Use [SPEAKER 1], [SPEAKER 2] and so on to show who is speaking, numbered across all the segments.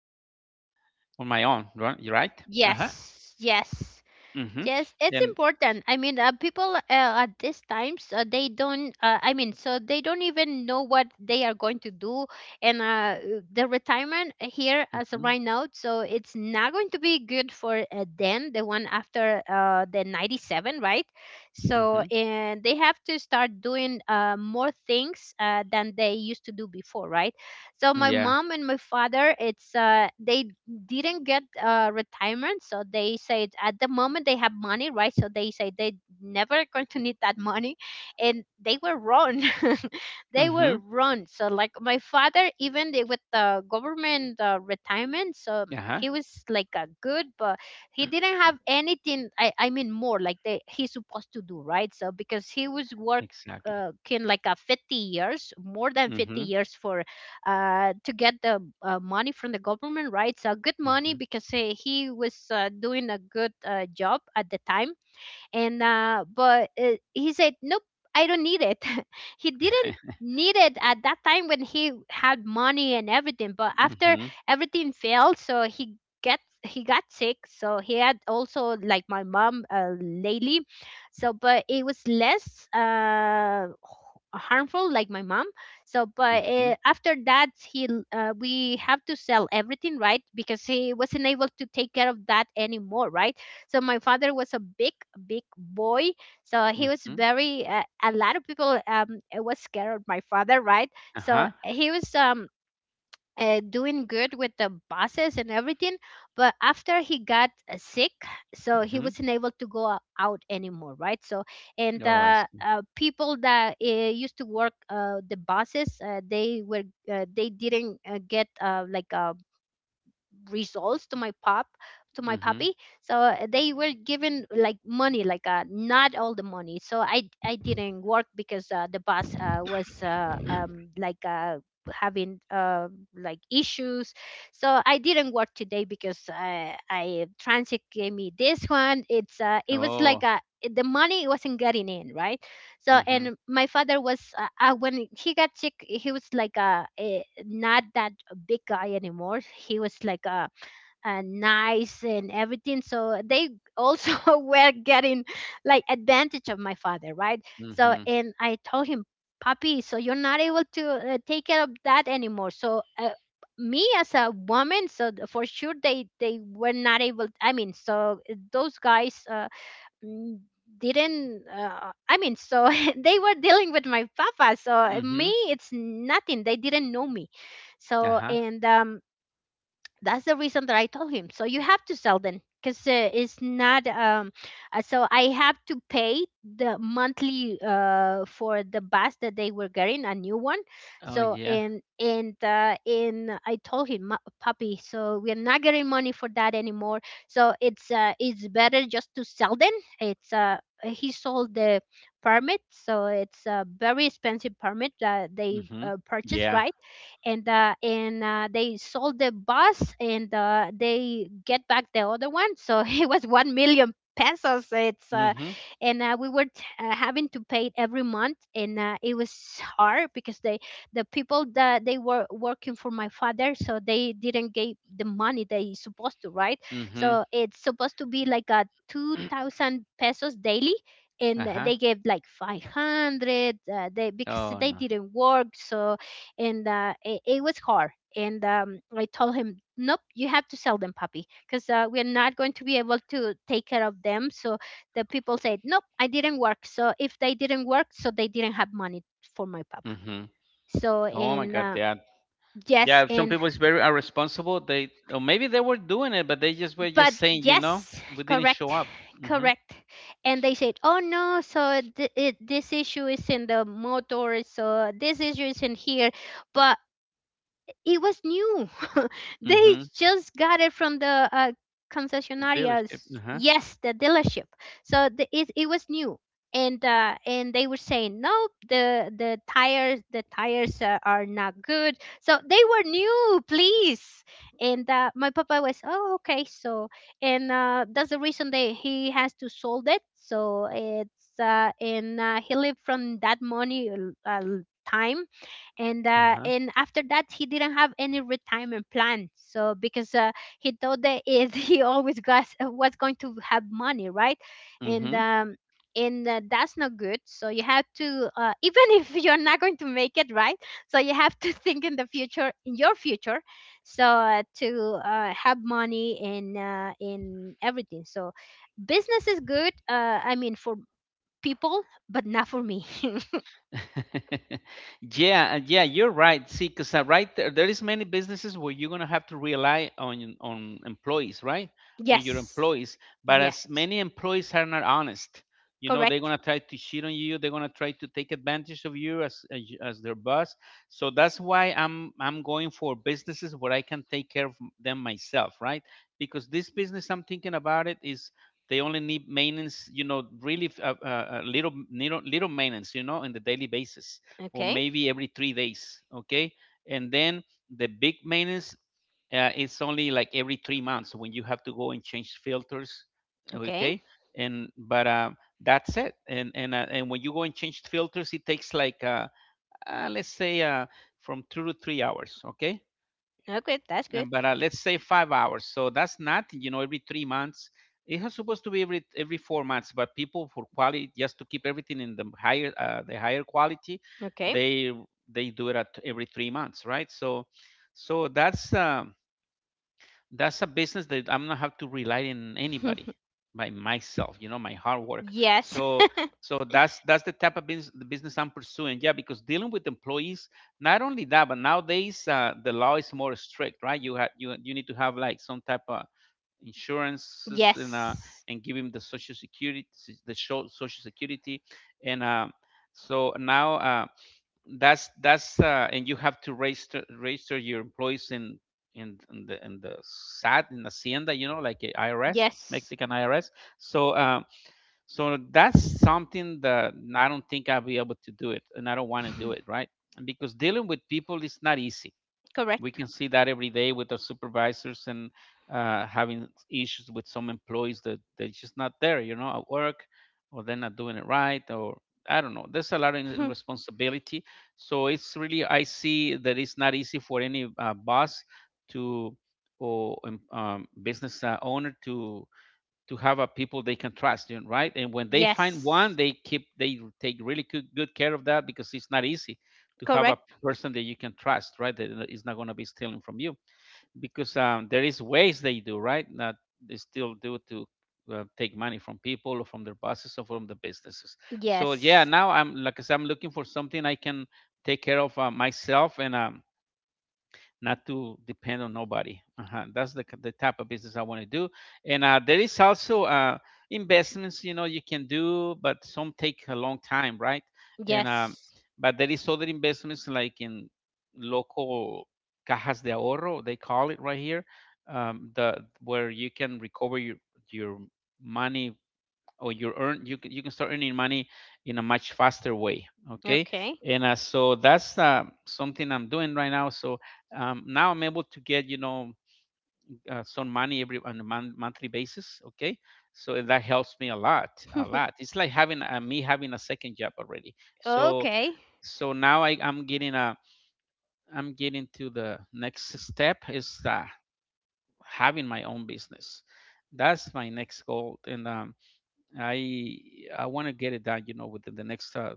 [SPEAKER 1] on my own, right? You're right. Uh huh.
[SPEAKER 2] Yes.
[SPEAKER 1] Mhm.
[SPEAKER 2] Yes, it's
[SPEAKER 1] And
[SPEAKER 2] important. I mean, people at these times they don't. I mean, so they don't even know what they are going to do, and the retirement here as of
[SPEAKER 1] mhm.
[SPEAKER 2] right now, so it's not going to be good for them, the one after the 97, right? So,
[SPEAKER 1] Mhm.
[SPEAKER 2] and they have to start doing more things than they used to do before, right? So, my
[SPEAKER 1] Yeah.
[SPEAKER 2] mom and my father, it's they didn't get retirement, so they said at the moment they have money, right? So they say they never going to need that money, and they were wrong. They were
[SPEAKER 1] Mhm.
[SPEAKER 2] wrong. So like my father, even they, with the government retirement, so
[SPEAKER 1] Uh huh.
[SPEAKER 2] he was like a good, but he didn't have anything. I mean more like they, he's supposed to do, right? So because he was work
[SPEAKER 1] Exactly.
[SPEAKER 2] uh, can like a 50 years, more than 50
[SPEAKER 1] Mhm.
[SPEAKER 2] years for to get the money from the government, right? So good money,
[SPEAKER 1] Mhm.
[SPEAKER 2] because he was doing a good job at the time, and but he said nope, I don't need it. He didn't need it at that time when he had money and everything, but after
[SPEAKER 1] Mhm.
[SPEAKER 2] everything failed, so he gets he got sick, so he had also like my mom lately. So but it was less uh, harmful like my mom. So but
[SPEAKER 1] Mhm.
[SPEAKER 2] after that we have to sell everything, right? Because he wasn't able to take care of that anymore, right? So my father was a big big boy, so he was
[SPEAKER 1] Mhm.
[SPEAKER 2] very a lot of people was scared of my father, right?
[SPEAKER 1] Uh
[SPEAKER 2] So
[SPEAKER 1] huh.
[SPEAKER 2] he was doing good with the buses and everything, but after he got sick, so he
[SPEAKER 1] Mhm.
[SPEAKER 2] wasn't able to go out anymore, right? So and
[SPEAKER 1] Oh, I
[SPEAKER 2] uh,
[SPEAKER 1] see.
[SPEAKER 2] uh, people that used to work the buses, they were, they didn't get like a results to my pup to my
[SPEAKER 1] Mhm.
[SPEAKER 2] puppy. So they were given like money, like not all the money, so i didn't work because the boss was having like issues. So I didn't work today because i transit gave me this one, it's uh, it was like
[SPEAKER 1] Oh.
[SPEAKER 2] uh, the money wasn't getting in, right? So
[SPEAKER 1] Mhm.
[SPEAKER 2] and my father was, when he got sick he was like a not that big guy anymore, he was like a nice and everything, so they also were getting like advantage of my father, right? So
[SPEAKER 1] Mhm.
[SPEAKER 2] and I told him, "Papi, so you're not able to take care of that anymore, so me as a woman, so for sure they were not able, I mean, so those guys mm, didn't I mean so they were dealing with my papa, so me
[SPEAKER 1] Mhm.
[SPEAKER 2] it's nothing, they didn't know me."
[SPEAKER 1] Uh
[SPEAKER 2] So
[SPEAKER 1] huh.
[SPEAKER 2] and that's the reason that I told him. So you have to sell then, because it's not. So I have to pay the monthly for the bus that they were getting a new one.
[SPEAKER 1] Oh,
[SPEAKER 2] So
[SPEAKER 1] yeah.
[SPEAKER 2] and I told him, "Ma- puppy. So we are not getting money for that anymore. So it's better just to sell them." It's he sold the permit, so it's a very expensive permit that they
[SPEAKER 1] Mhm.
[SPEAKER 2] purchased,
[SPEAKER 1] Yeah.
[SPEAKER 2] right? And they sold the bus and they get back the other one, so it was 1 million pesos. It's
[SPEAKER 1] Mhm.
[SPEAKER 2] and We were having to pay it every month, and it was hard because the people that they were working for my father, so they didn't give the money they supposed to, right?
[SPEAKER 1] Mhm.
[SPEAKER 2] So it's supposed to be like a 2000 pesos daily, and
[SPEAKER 1] Uh-huh.
[SPEAKER 2] they gave like 500. They, because
[SPEAKER 1] Oh,
[SPEAKER 2] they
[SPEAKER 1] no.
[SPEAKER 2] didn't work, so and it, it was hard. And I told him, nope, you have to sell them, puppy, because we're not going to be able to take care of them. So the people said, nope, I didn't work. So if they didn't work, so they didn't have money for my papa.
[SPEAKER 1] Mhm.
[SPEAKER 2] So
[SPEAKER 1] Oh my
[SPEAKER 2] and
[SPEAKER 1] God, yeah.
[SPEAKER 2] yes,
[SPEAKER 1] Yeah, some
[SPEAKER 2] and
[SPEAKER 1] people is very irresponsible. They, or maybe they were doing it, but they just were
[SPEAKER 2] but
[SPEAKER 1] just saying, you know,
[SPEAKER 2] yes,
[SPEAKER 1] we didn't
[SPEAKER 2] correct,
[SPEAKER 1] show up. Mhm.
[SPEAKER 2] correct. And they said, oh no, so this issue is in the motor, so this issue is in here, but it was new. They
[SPEAKER 1] Mhm.
[SPEAKER 2] just got it from the
[SPEAKER 1] Dealership.
[SPEAKER 2] concessionarias.
[SPEAKER 1] Uh-huh.
[SPEAKER 2] Yes, the dealership. So it it was new, and they were saying no, the tires are not good. So they were new, please. And my papa was oh okay. So and that's the reason that he has to sold it. So it's and he lived from that money uh, time, and
[SPEAKER 1] Uh-huh.
[SPEAKER 2] after that he didn't have any retirement plan, so because he thought that is he always got was going to have money, right? and
[SPEAKER 1] Mhm.
[SPEAKER 2] um and uh, that's not good, so you have to even if you're not going to make it, right? So you have to think in the future, in your future. So to have money in everything. So business is good, I mean for people, but not for me.
[SPEAKER 1] Yeah, yeah, you're right. See, because right there, there is many businesses where you're gonna have to rely on employees, right? On your
[SPEAKER 2] Yes,
[SPEAKER 1] employees, but
[SPEAKER 2] yes.
[SPEAKER 1] as many employees are not honest, you know, they're
[SPEAKER 2] Correct.
[SPEAKER 1] gonna try to cheat on you. They're gonna try to take advantage of you as as their boss. So that's why I'm going for businesses where I can take care of them myself, right? Because this business I'm thinking about it is they only need maintenance, you know, really little maintenance, you know, on the daily basis, or
[SPEAKER 2] Okay.
[SPEAKER 1] maybe every 3 days, okay? And then the big maintenance, it's only like every 3 months, when you have to go and change filters,
[SPEAKER 2] Okay.
[SPEAKER 1] okay? and but That's it. And when you go and change filters, it takes like let's say from 2 to 3 hours, okay?
[SPEAKER 2] No good. That's good.
[SPEAKER 1] But Let's say 5 hours. So that's not, you know, every 3 months. It was supposed to be every 4 months, but people for quality, just to keep everything in the higher quality,
[SPEAKER 2] Okay.
[SPEAKER 1] they do it at every 3 months, right? So that's a business that I'm not have to rely on anybody, by myself, you know, my hard work.
[SPEAKER 2] Yes.
[SPEAKER 1] So so that's that's the type of business, the business I'm pursuing. Yeah, because dealing with employees, not only that, but nowadays the law is more strict, right? You you need to have like some type of insurances,
[SPEAKER 2] Yes.
[SPEAKER 1] and give him the social security, social security. And so now That's and you have to register your employees in in the SAT, in Hacienda, you know, like a IRS,
[SPEAKER 2] Yes.
[SPEAKER 1] Mexican IRS. So so that's something that I don't think I'll be able to do it, and I don't want to do it, right? Because dealing with people is not easy. We
[SPEAKER 2] Correct.
[SPEAKER 1] can see that every day with our supervisors and having issues with some employees that they're just not there, you know, at work, or they're not doing it right, or I don't know. There's a lot of in responsibility, so it's really, I see that it's not easy for any boss to, or business owner to have a people they can trust, you know, right? And when they find
[SPEAKER 2] Yes.
[SPEAKER 1] one, they take really good, good care of that, because it's not easy to have a
[SPEAKER 2] Correct.
[SPEAKER 1] person that you can trust, right? That is not going to be stealing from you, because there is ways they do, right? That they still do to take money from people, or from their bosses, or from the businesses. So yeah,
[SPEAKER 2] Yes.
[SPEAKER 1] now I'm, like I said, I'm looking for something I can take care of myself, and not to depend on nobody. Uh-huh. That's the type of business I want to do. And There is also investments, you know, you can do, but some take a long time, right? And
[SPEAKER 2] Yes.
[SPEAKER 1] But there is other investments, like in local cajas de ahorro, they call it right here, the where you can recover your money, or you earn, you can, you can start earning money in a much faster way, okay?
[SPEAKER 2] Okay.
[SPEAKER 1] And uh, so that's something I'm doing right now. So now I'm able to get, you know, some money every, on a monthly basis, okay? So that helps me a lot, a lot. It's like having me having a second job already. So
[SPEAKER 2] Okay.
[SPEAKER 1] so now I'm getting a, I'm getting to the next step, is having my own business. That's my next goal, and I I want to get it done, you know, within the next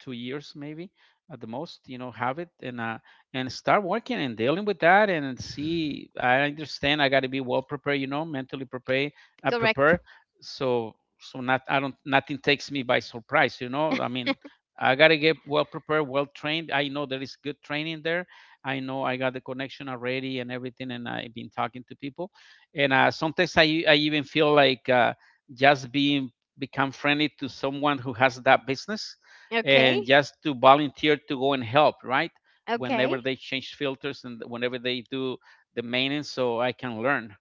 [SPEAKER 1] 2 years maybe, at the most, you know, have it. And start working and dealing with that. And see, I understand I got to be well prepared, you know, mentally prepared, uh,
[SPEAKER 2] Correct.
[SPEAKER 1] prepared so not, I don't, nothing takes me by surprise, you know, I mean. I got to get well prepared, well trained. I know there is good training there. I know I got the connection already and everything, and I've been talking to people. And Sometimes I even feel like just being, become friendly to someone who has that business, and
[SPEAKER 2] Okay.
[SPEAKER 1] just to volunteer to go and help, right?
[SPEAKER 2] Okay.
[SPEAKER 1] Whenever they change filters, and whenever they do the maintenance, so I can learn,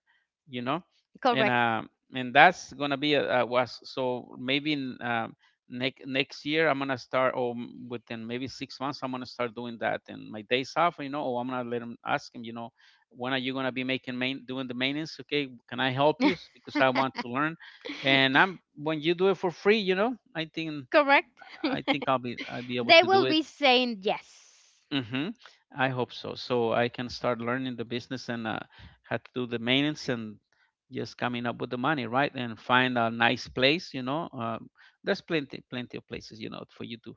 [SPEAKER 1] you know. and
[SPEAKER 2] Correct.
[SPEAKER 1] uh, and that's gonna be a was, so maybe in, next year I'm gonna start, or within maybe 6 months I'm gonna start doing that and my days off, you know, or I'm gonna let him, ask him, you know, when are you gonna be making main doing the maintenance? Okay, can I help you? Because I want to learn, and I'm, when you do it for free, you know, I think.
[SPEAKER 2] Correct.
[SPEAKER 1] I'll be able
[SPEAKER 2] They
[SPEAKER 1] to do
[SPEAKER 2] will
[SPEAKER 1] it.
[SPEAKER 2] be saying yes.
[SPEAKER 1] Hmm. I hope so. So I can start learning the business, and how to do the maintenance and just coming up with the money, right? And find a nice place. You know, there's plenty of places, you know, for you to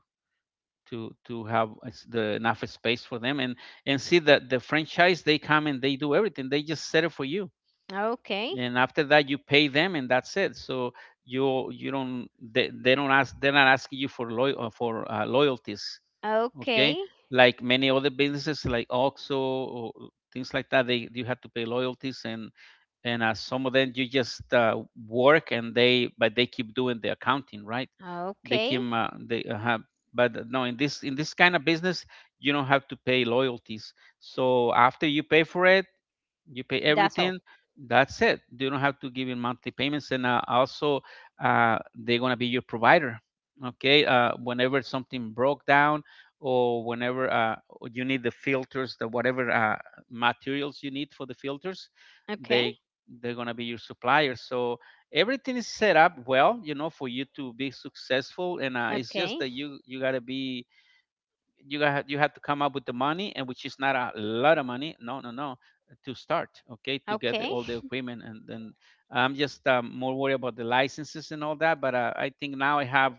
[SPEAKER 1] to to have as the enough space for them, and see that the franchise, they come and they do everything. They just set it for you,
[SPEAKER 2] Okay.
[SPEAKER 1] and after that you pay them and that's it. So you don't, they don't ask, they're not asking you for loyalties, okay?
[SPEAKER 2] Okay.
[SPEAKER 1] Like many other businesses, like oxo or things like that, they, you have to pay loyalties, and some of them you just work and they, but they keep doing the accounting, right? They
[SPEAKER 2] Okay.
[SPEAKER 1] can they have. But no, in this, in this kind of business you don't have to pay loyalties. So after you pay for it, you pay
[SPEAKER 2] That's all.
[SPEAKER 1] everything, that's it. You don't have to give in monthly payments. And also uh, they're going to be your provider, okay? Whenever something broke down, or whenever you need the filters, the whatever materials you need for the filters,
[SPEAKER 2] Okay.
[SPEAKER 1] they they're going to be your supplier. So everything is set up well, you know, for you to be successful. And It's just
[SPEAKER 2] Okay.
[SPEAKER 1] that you got to be, you got, you have to come up with the money, and which is not a lot of money. No, no, no. To start, okay, to get the,
[SPEAKER 2] Okay.
[SPEAKER 1] all the equipment. And then I'm just more worried about the licenses and all that, but I think now I have,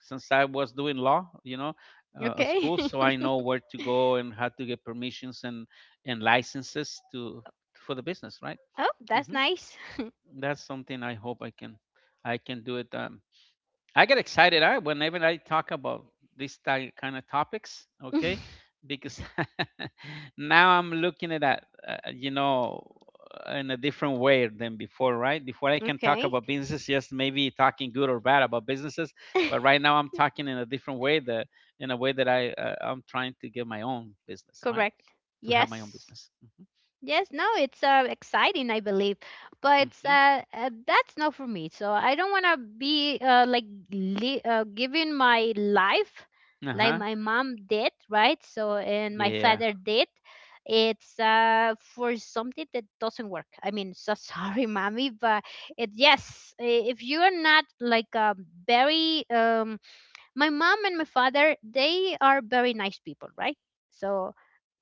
[SPEAKER 1] since I was doing law, you know, a
[SPEAKER 2] Okay.
[SPEAKER 1] school, so I know where to go and how to get permissions and licenses to, for the business, right?
[SPEAKER 2] Oh, that's
[SPEAKER 1] Hmm.
[SPEAKER 2] nice.
[SPEAKER 1] That's something I hope I can, I can do it. I get excited I, whenever I talk about these kind of topics, okay? Because now I'm looking at that, you know, in a different way than before, right? Before I can talk
[SPEAKER 2] Okay.
[SPEAKER 1] about business, yes, maybe talking good or bad about businesses, but right now I'm talking in a different way, that in a way that I'm trying to get my own business, right?
[SPEAKER 2] Correct.
[SPEAKER 1] To have my own
[SPEAKER 2] Yes.
[SPEAKER 1] business.
[SPEAKER 2] Yes, no, it's exciting, I believe,
[SPEAKER 1] hmm
[SPEAKER 2] but
[SPEAKER 1] hmm
[SPEAKER 2] that's not for me. So I don't want to be like giving my life
[SPEAKER 1] Uh
[SPEAKER 2] like
[SPEAKER 1] huh.
[SPEAKER 2] my mom did, right? So and my
[SPEAKER 1] Yeah.
[SPEAKER 2] father did. It's for something that doesn't work. I mean, so sorry, mommy, but it yes, if you are not like very my mom and my father, they are very nice people, right? So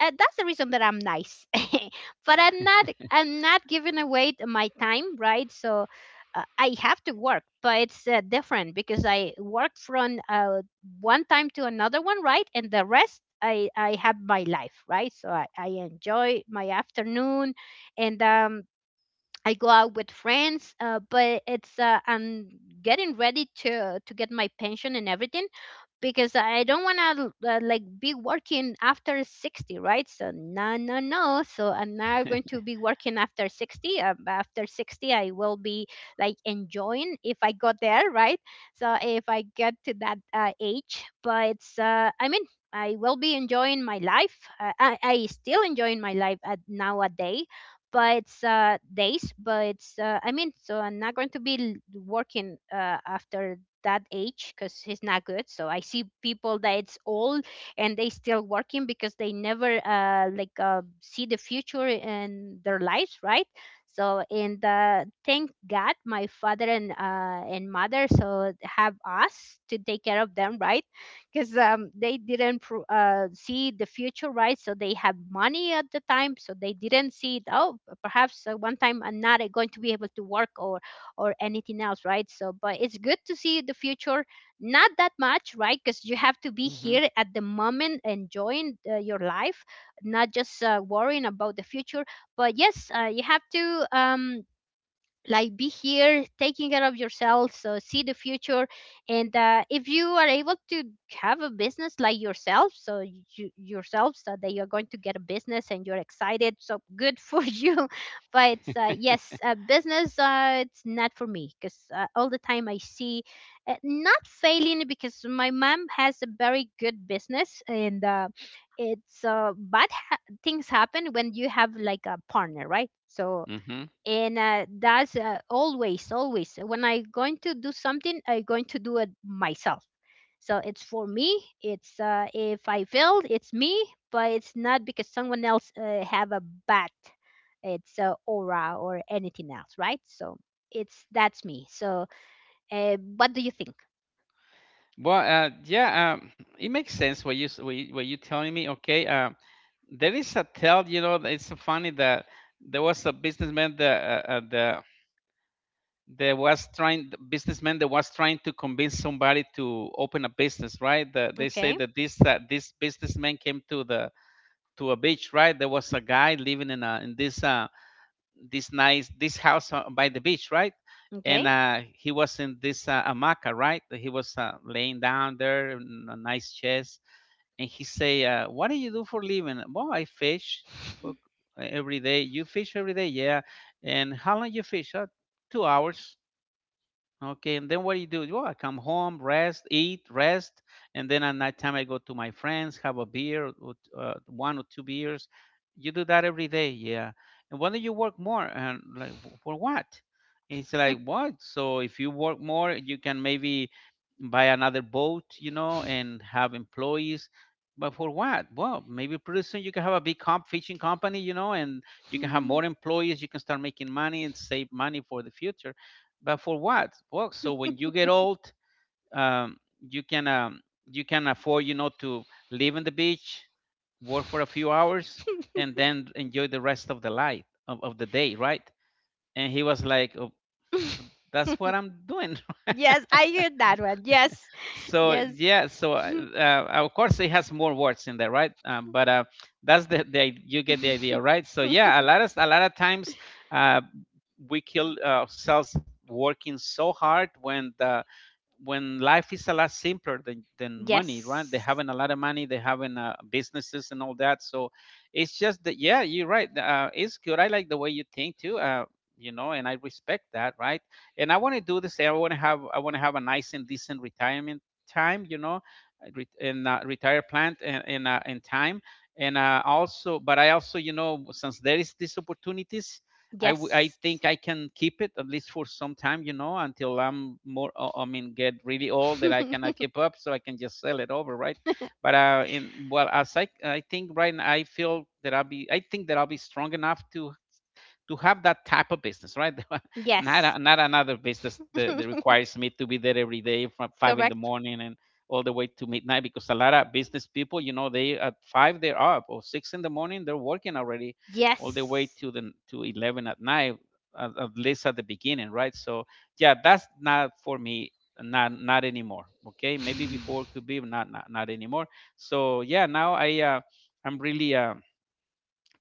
[SPEAKER 2] that's the reason that I'm nice but I'm not giving away my time, right? So I have to work, but it's different, because I work from one time to another one, right? And the rest I have my life, right? So I enjoy my afternoon. And I go out with friends, but it's I'm getting ready to get my pension and everything, because I don't want to like be working after 60, right? So no, no, no. So I'm not going to be working after 60. After 60, I will be like enjoying, if I got there, right? So if I get to that age, but it's, I mean. I will be enjoying my life. I still enjoying my life at nowadays, but it's I mean, so I'm not going to be working after that age, because it's not good. So I see people that it's old and they still working, because they never see the future in their lives, right? So and thank god my father and mother so have us to take care of them, right? Because they didn't see the future, right? So they have money at the time, so they didn't see it. Oh, perhaps one time I'm not going to be able to work or anything else, right? So, but it's good to see the future, not that much, right? Because you have to be
[SPEAKER 1] hmm
[SPEAKER 2] here at the moment, enjoying your life, not just worrying about the future. But yes, you have to. Like be here taking care of yourself, so see the future, and if you are able to have a business like yourself, so you yourself, so that you're going to get a business and you're excited, so good for you. But yes, business, it's not for me because all the time I see, not failing, because my mom has a very good business, and it's uh, bad ha- things happen when you have like a partner, right? So
[SPEAKER 1] hmm.
[SPEAKER 2] and that's always when I am going to do something, I am going to do it myself. So it's, for me it's, if I failed, it's me. But it's not because someone else have a bad, it's aura or anything else, right? So it's, that's me. So what do you think?
[SPEAKER 1] Well, yeah, it makes sense what you s- what you telling me. Okay, there is a tell, you know, that it's so funny that there was a businessman that the there was trying the businessman that was trying to convince somebody to open a business, right? That they say
[SPEAKER 2] Okay.
[SPEAKER 1] that this this businessman came to the to a beach, right? There was a guy living in this this nice this house by the beach, right?
[SPEAKER 2] Okay.
[SPEAKER 1] And he was in this hamaca, right? He was laying down there in a nice chest, and he say, "What do you do for living?" Well, I fish for every day. You fish every day, yeah. And how long you fish? 2 hours. Okay, and then what do you do? Well, I come home, rest, eat, rest, and then at night time I go to my friends, have a beer, or one or two beers. You do that every day, yeah. And why don't you work more? And like, "W- for what? It's like what? So if you work more, you can maybe buy another boat, you know, and have employees. But for what? Well, maybe pretty soon you can have a big comp fishing company, you know, and you can have
[SPEAKER 2] Mhm.
[SPEAKER 1] more employees. You can start making money and save money for the future but for what? Well, so when you get old, um, you can um, you can afford, you know, to live on the beach, work for a few hours, and then enjoy the rest of the light of the day, right? And he was like, "Oh, that's what I'm doing."
[SPEAKER 2] Yes, I heard that one. Yes,
[SPEAKER 1] So
[SPEAKER 2] yes.
[SPEAKER 1] yeah, of course it has more words in there, right? But That's the you get the idea, right? So yeah, a lot of times uh, we kill ourselves working so hard when the when life is a lot simpler than money, right? They
[SPEAKER 2] Yes.
[SPEAKER 1] having a lot of money, they having businesses and all that. So it's just that, yeah, you're right. It's good. I like the way you think too. You know, and I respect that, right? And I want to do this. I want to have a nice and decent retirement time. You know, re- and retire plant and in time. And also, but I also, you know, since there is these opportunities, I
[SPEAKER 2] Yes.
[SPEAKER 1] think I can keep it at least for some time, you know, until I'm more, I mean, get really old that I cannot keep up, so I can just sell it over, right? But in well, as I think right now, I think that I'll be strong enough to have that type of business, right? Not
[SPEAKER 2] Yes.
[SPEAKER 1] a, not another business that, that requires me to be there every day from five in the
[SPEAKER 2] Correct?
[SPEAKER 1] morning and all the way to midnight because a lot of business people, you know, they at five they're up or six in the morning they're working already, all the way
[SPEAKER 2] Yes.
[SPEAKER 1] to 11 at night, at least at the beginning, right? So yeah, that's not for me, not anymore. Okay, maybe before it could be, but not anymore. So yeah, now I'm really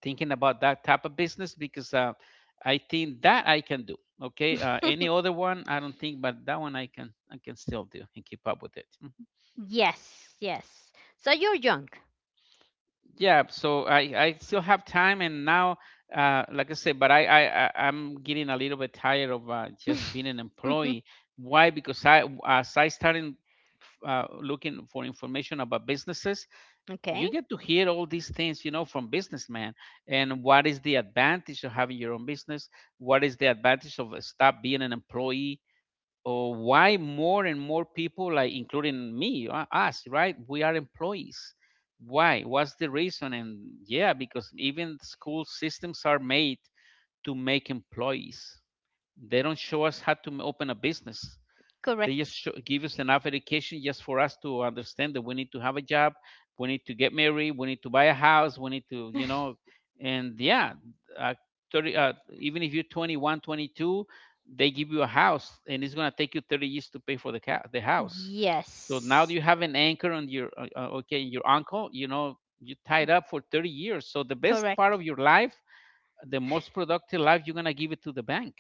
[SPEAKER 1] thinking about that type of business because I think that I can do. Okay, any other one I don't think, but that one I can still do and keep up with it. Mhm.
[SPEAKER 2] Yes. Yes. So you're young.
[SPEAKER 1] Yeah, so I still have time, and now like I said, but I'm getting a little bit tired of just being an employee. Why? Because I as I started looking for information about businesses,
[SPEAKER 2] Okay.
[SPEAKER 1] you get to hear all these things, you know, from businessmen, and what is the advantage of having your own business, what is the advantage of stop being an employee, or why more and more people, like including me, us, right, we are employees, why, what's the reason? And yeah, because even school systems are made to make employees. They don't show us how to m- open a business. They
[SPEAKER 2] Correct.
[SPEAKER 1] give us enough education just for us to understand that we need to have a job, we need to get married, we need to buy a house, we need to, you know, and yeah, uh, 30, even if you're 21, 22, they give you a house and it's going to take you 30 years to pay for the, ca- the house. So now
[SPEAKER 2] Yes.
[SPEAKER 1] you have an anchor on your, okay, your uncle, you know, you tied up for 30 years. So the best part
[SPEAKER 2] Correct.
[SPEAKER 1] of your life, the most productive life, you're going to give it to the bank.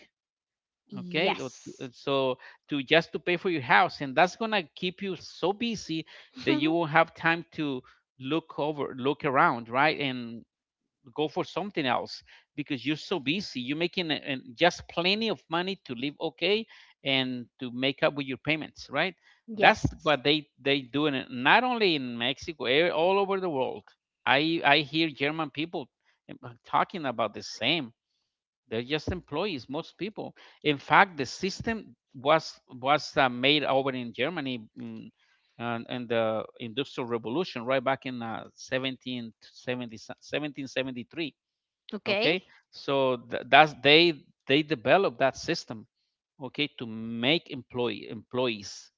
[SPEAKER 1] Okay,
[SPEAKER 2] Yes.
[SPEAKER 1] so to just to pay for your house, and that's gonna keep you so busy that you won't have time to look around, right, and go for something else, because you're so busy you're making just plenty of money to live, okay, and to make up with your payments, right? That's
[SPEAKER 2] Yes.
[SPEAKER 1] what they do in not only in Mexico, eh, all over the world. I hear German people eh, talking about the same. They're just employees, most people. In fact, the system was made over in Germany mm, and the Industrial Revolution, right back in 1770, Okay,
[SPEAKER 2] Okay.
[SPEAKER 1] so that's they developed that system, okay, to make employees.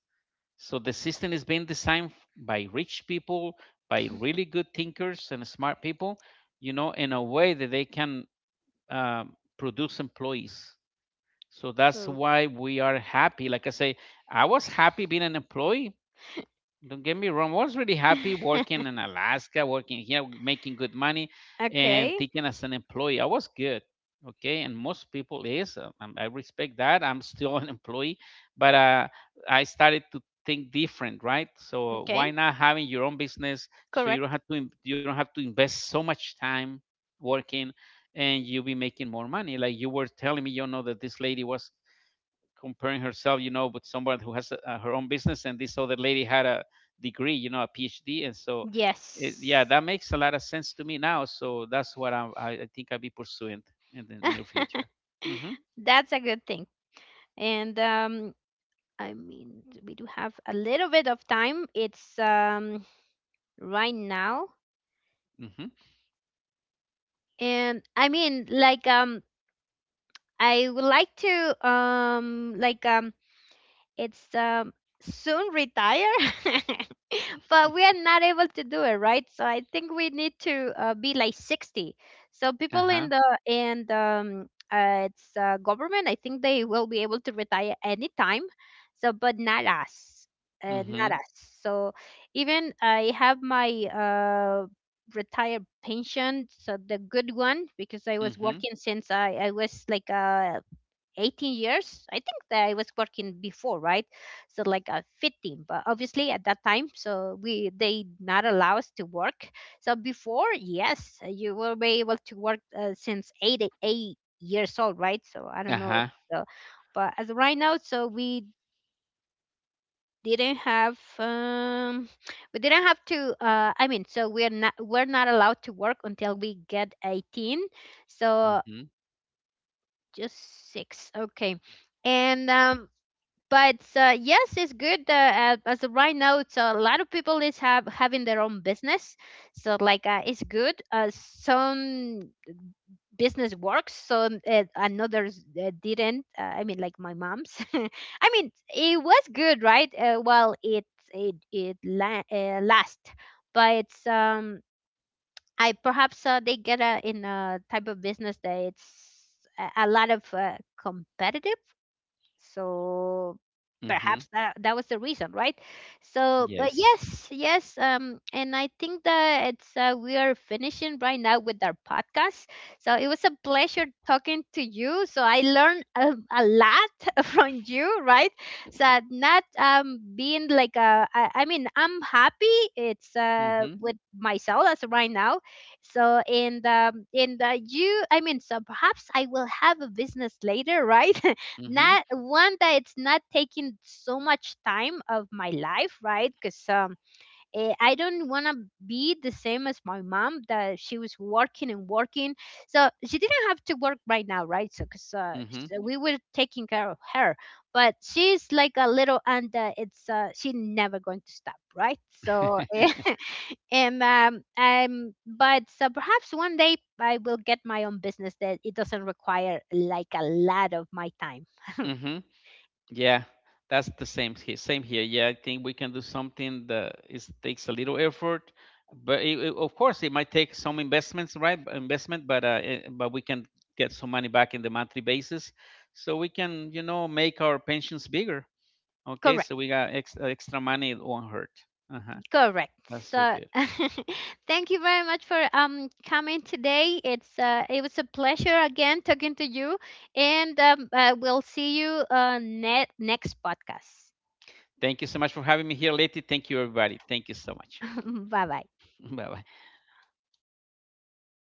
[SPEAKER 1] So the system is being designed by rich people, by really good thinkers and smart people, you know, in a way that they can um, produce employees. So that's
[SPEAKER 2] Oh.
[SPEAKER 1] why we are happy. Like I say, I was happy being an employee. Don't get me wrong. I was really happy working in Alaska, working here, making good money, and
[SPEAKER 2] Okay.
[SPEAKER 1] thinking as an employee. I was good. Okay. And most people is, I respect that. I'm still an employee, but I started to think different, right? So
[SPEAKER 2] Okay.
[SPEAKER 1] why not having your own business so you don't
[SPEAKER 2] Correct.
[SPEAKER 1] have you don't have to invest so much time working and you'll be making more money. Like you were telling me, you know, that this lady was comparing herself, you know, with someone who has her own business, and this other lady had a degree, you know, a PhD, and so, it, yeah,
[SPEAKER 2] Yes.
[SPEAKER 1] that makes a lot of sense to me now. So that's what I think I'll be pursuing in the near future. Mhm.
[SPEAKER 2] That's a good thing. And I mean, we do have a little bit of time. It's right now.
[SPEAKER 1] Mhm.
[SPEAKER 2] And I mean, like I would like to like it's soon retire. But we are not able to do it, right? So I think we need to be like 60. So
[SPEAKER 1] Uh
[SPEAKER 2] people in
[SPEAKER 1] huh.
[SPEAKER 2] the in the it's government, I think they will be able to retire anytime. So, but not us. Not
[SPEAKER 1] Mhm.
[SPEAKER 2] us. So even I have my retired pension, so the good one, because I was
[SPEAKER 1] Mhm.
[SPEAKER 2] working since I was like 18 years, I think that I was working before, right? So like a 15, but obviously at that time so we, they not allow us to work. So before, yes, you will be able to work since 8 years old, right? So I
[SPEAKER 1] Uh
[SPEAKER 2] don't know.
[SPEAKER 1] huh.
[SPEAKER 2] So, but as of right now so we didn't have um didn't have to, I mean, so we're not allowed to work until we get 18. So
[SPEAKER 1] Mhm.
[SPEAKER 2] just six. Okay. And but yes, it's good, as of right now, it's a lot of people is have having their own business. So like, it's good, some business works, so another's didn't, I mean, like my mom's I mean it was good, right? Well, last. But I perhaps, they get a type of business that it's a lot of competitive, so
[SPEAKER 1] Mhm.
[SPEAKER 2] perhaps that that was the reason, right? So but
[SPEAKER 1] Yes.
[SPEAKER 2] yes, yes, and I think that it's, we are finishing right now with our podcast. So it was a pleasure talking to you, so I learned a lot from you, right? So not being like I mean I'm happy, it's
[SPEAKER 1] Mhm.
[SPEAKER 2] with myself as of right now. So and you, I mean, so perhaps I will have a business later, right?
[SPEAKER 1] Mhm.
[SPEAKER 2] Not one that it's not taking so much time of my life, right? Because I don't want to be the same as my mom that she was working and working. So she didn't have to work right now, right? So because
[SPEAKER 1] Mhm.
[SPEAKER 2] so we were taking care of her, but she's like a little, and it's she never going to stop, right? So
[SPEAKER 1] Mhm.
[SPEAKER 2] and but so perhaps one day I will get my own business that it doesn't require like a lot of my time.
[SPEAKER 1] Yeah, that's the same here. Same here. Yeah, I think we can do something that is takes a little effort, but of course it might take some investments, right? Investment, but but we can get some money back in the monthly basis, so we can, you know, make our pensions bigger. Okay,
[SPEAKER 2] Correct,
[SPEAKER 1] so we got extra money. It won't hurt. Uh huh.
[SPEAKER 2] correct.
[SPEAKER 1] That's so
[SPEAKER 2] So,
[SPEAKER 1] good.
[SPEAKER 2] thank you very much for coming today. It was a pleasure again talking to you, and we'll see you next podcast.
[SPEAKER 1] Thank you so much for having me here, Letty. Thank you, everybody. Thank you so much.
[SPEAKER 2] Bye bye.
[SPEAKER 1] Bye bye.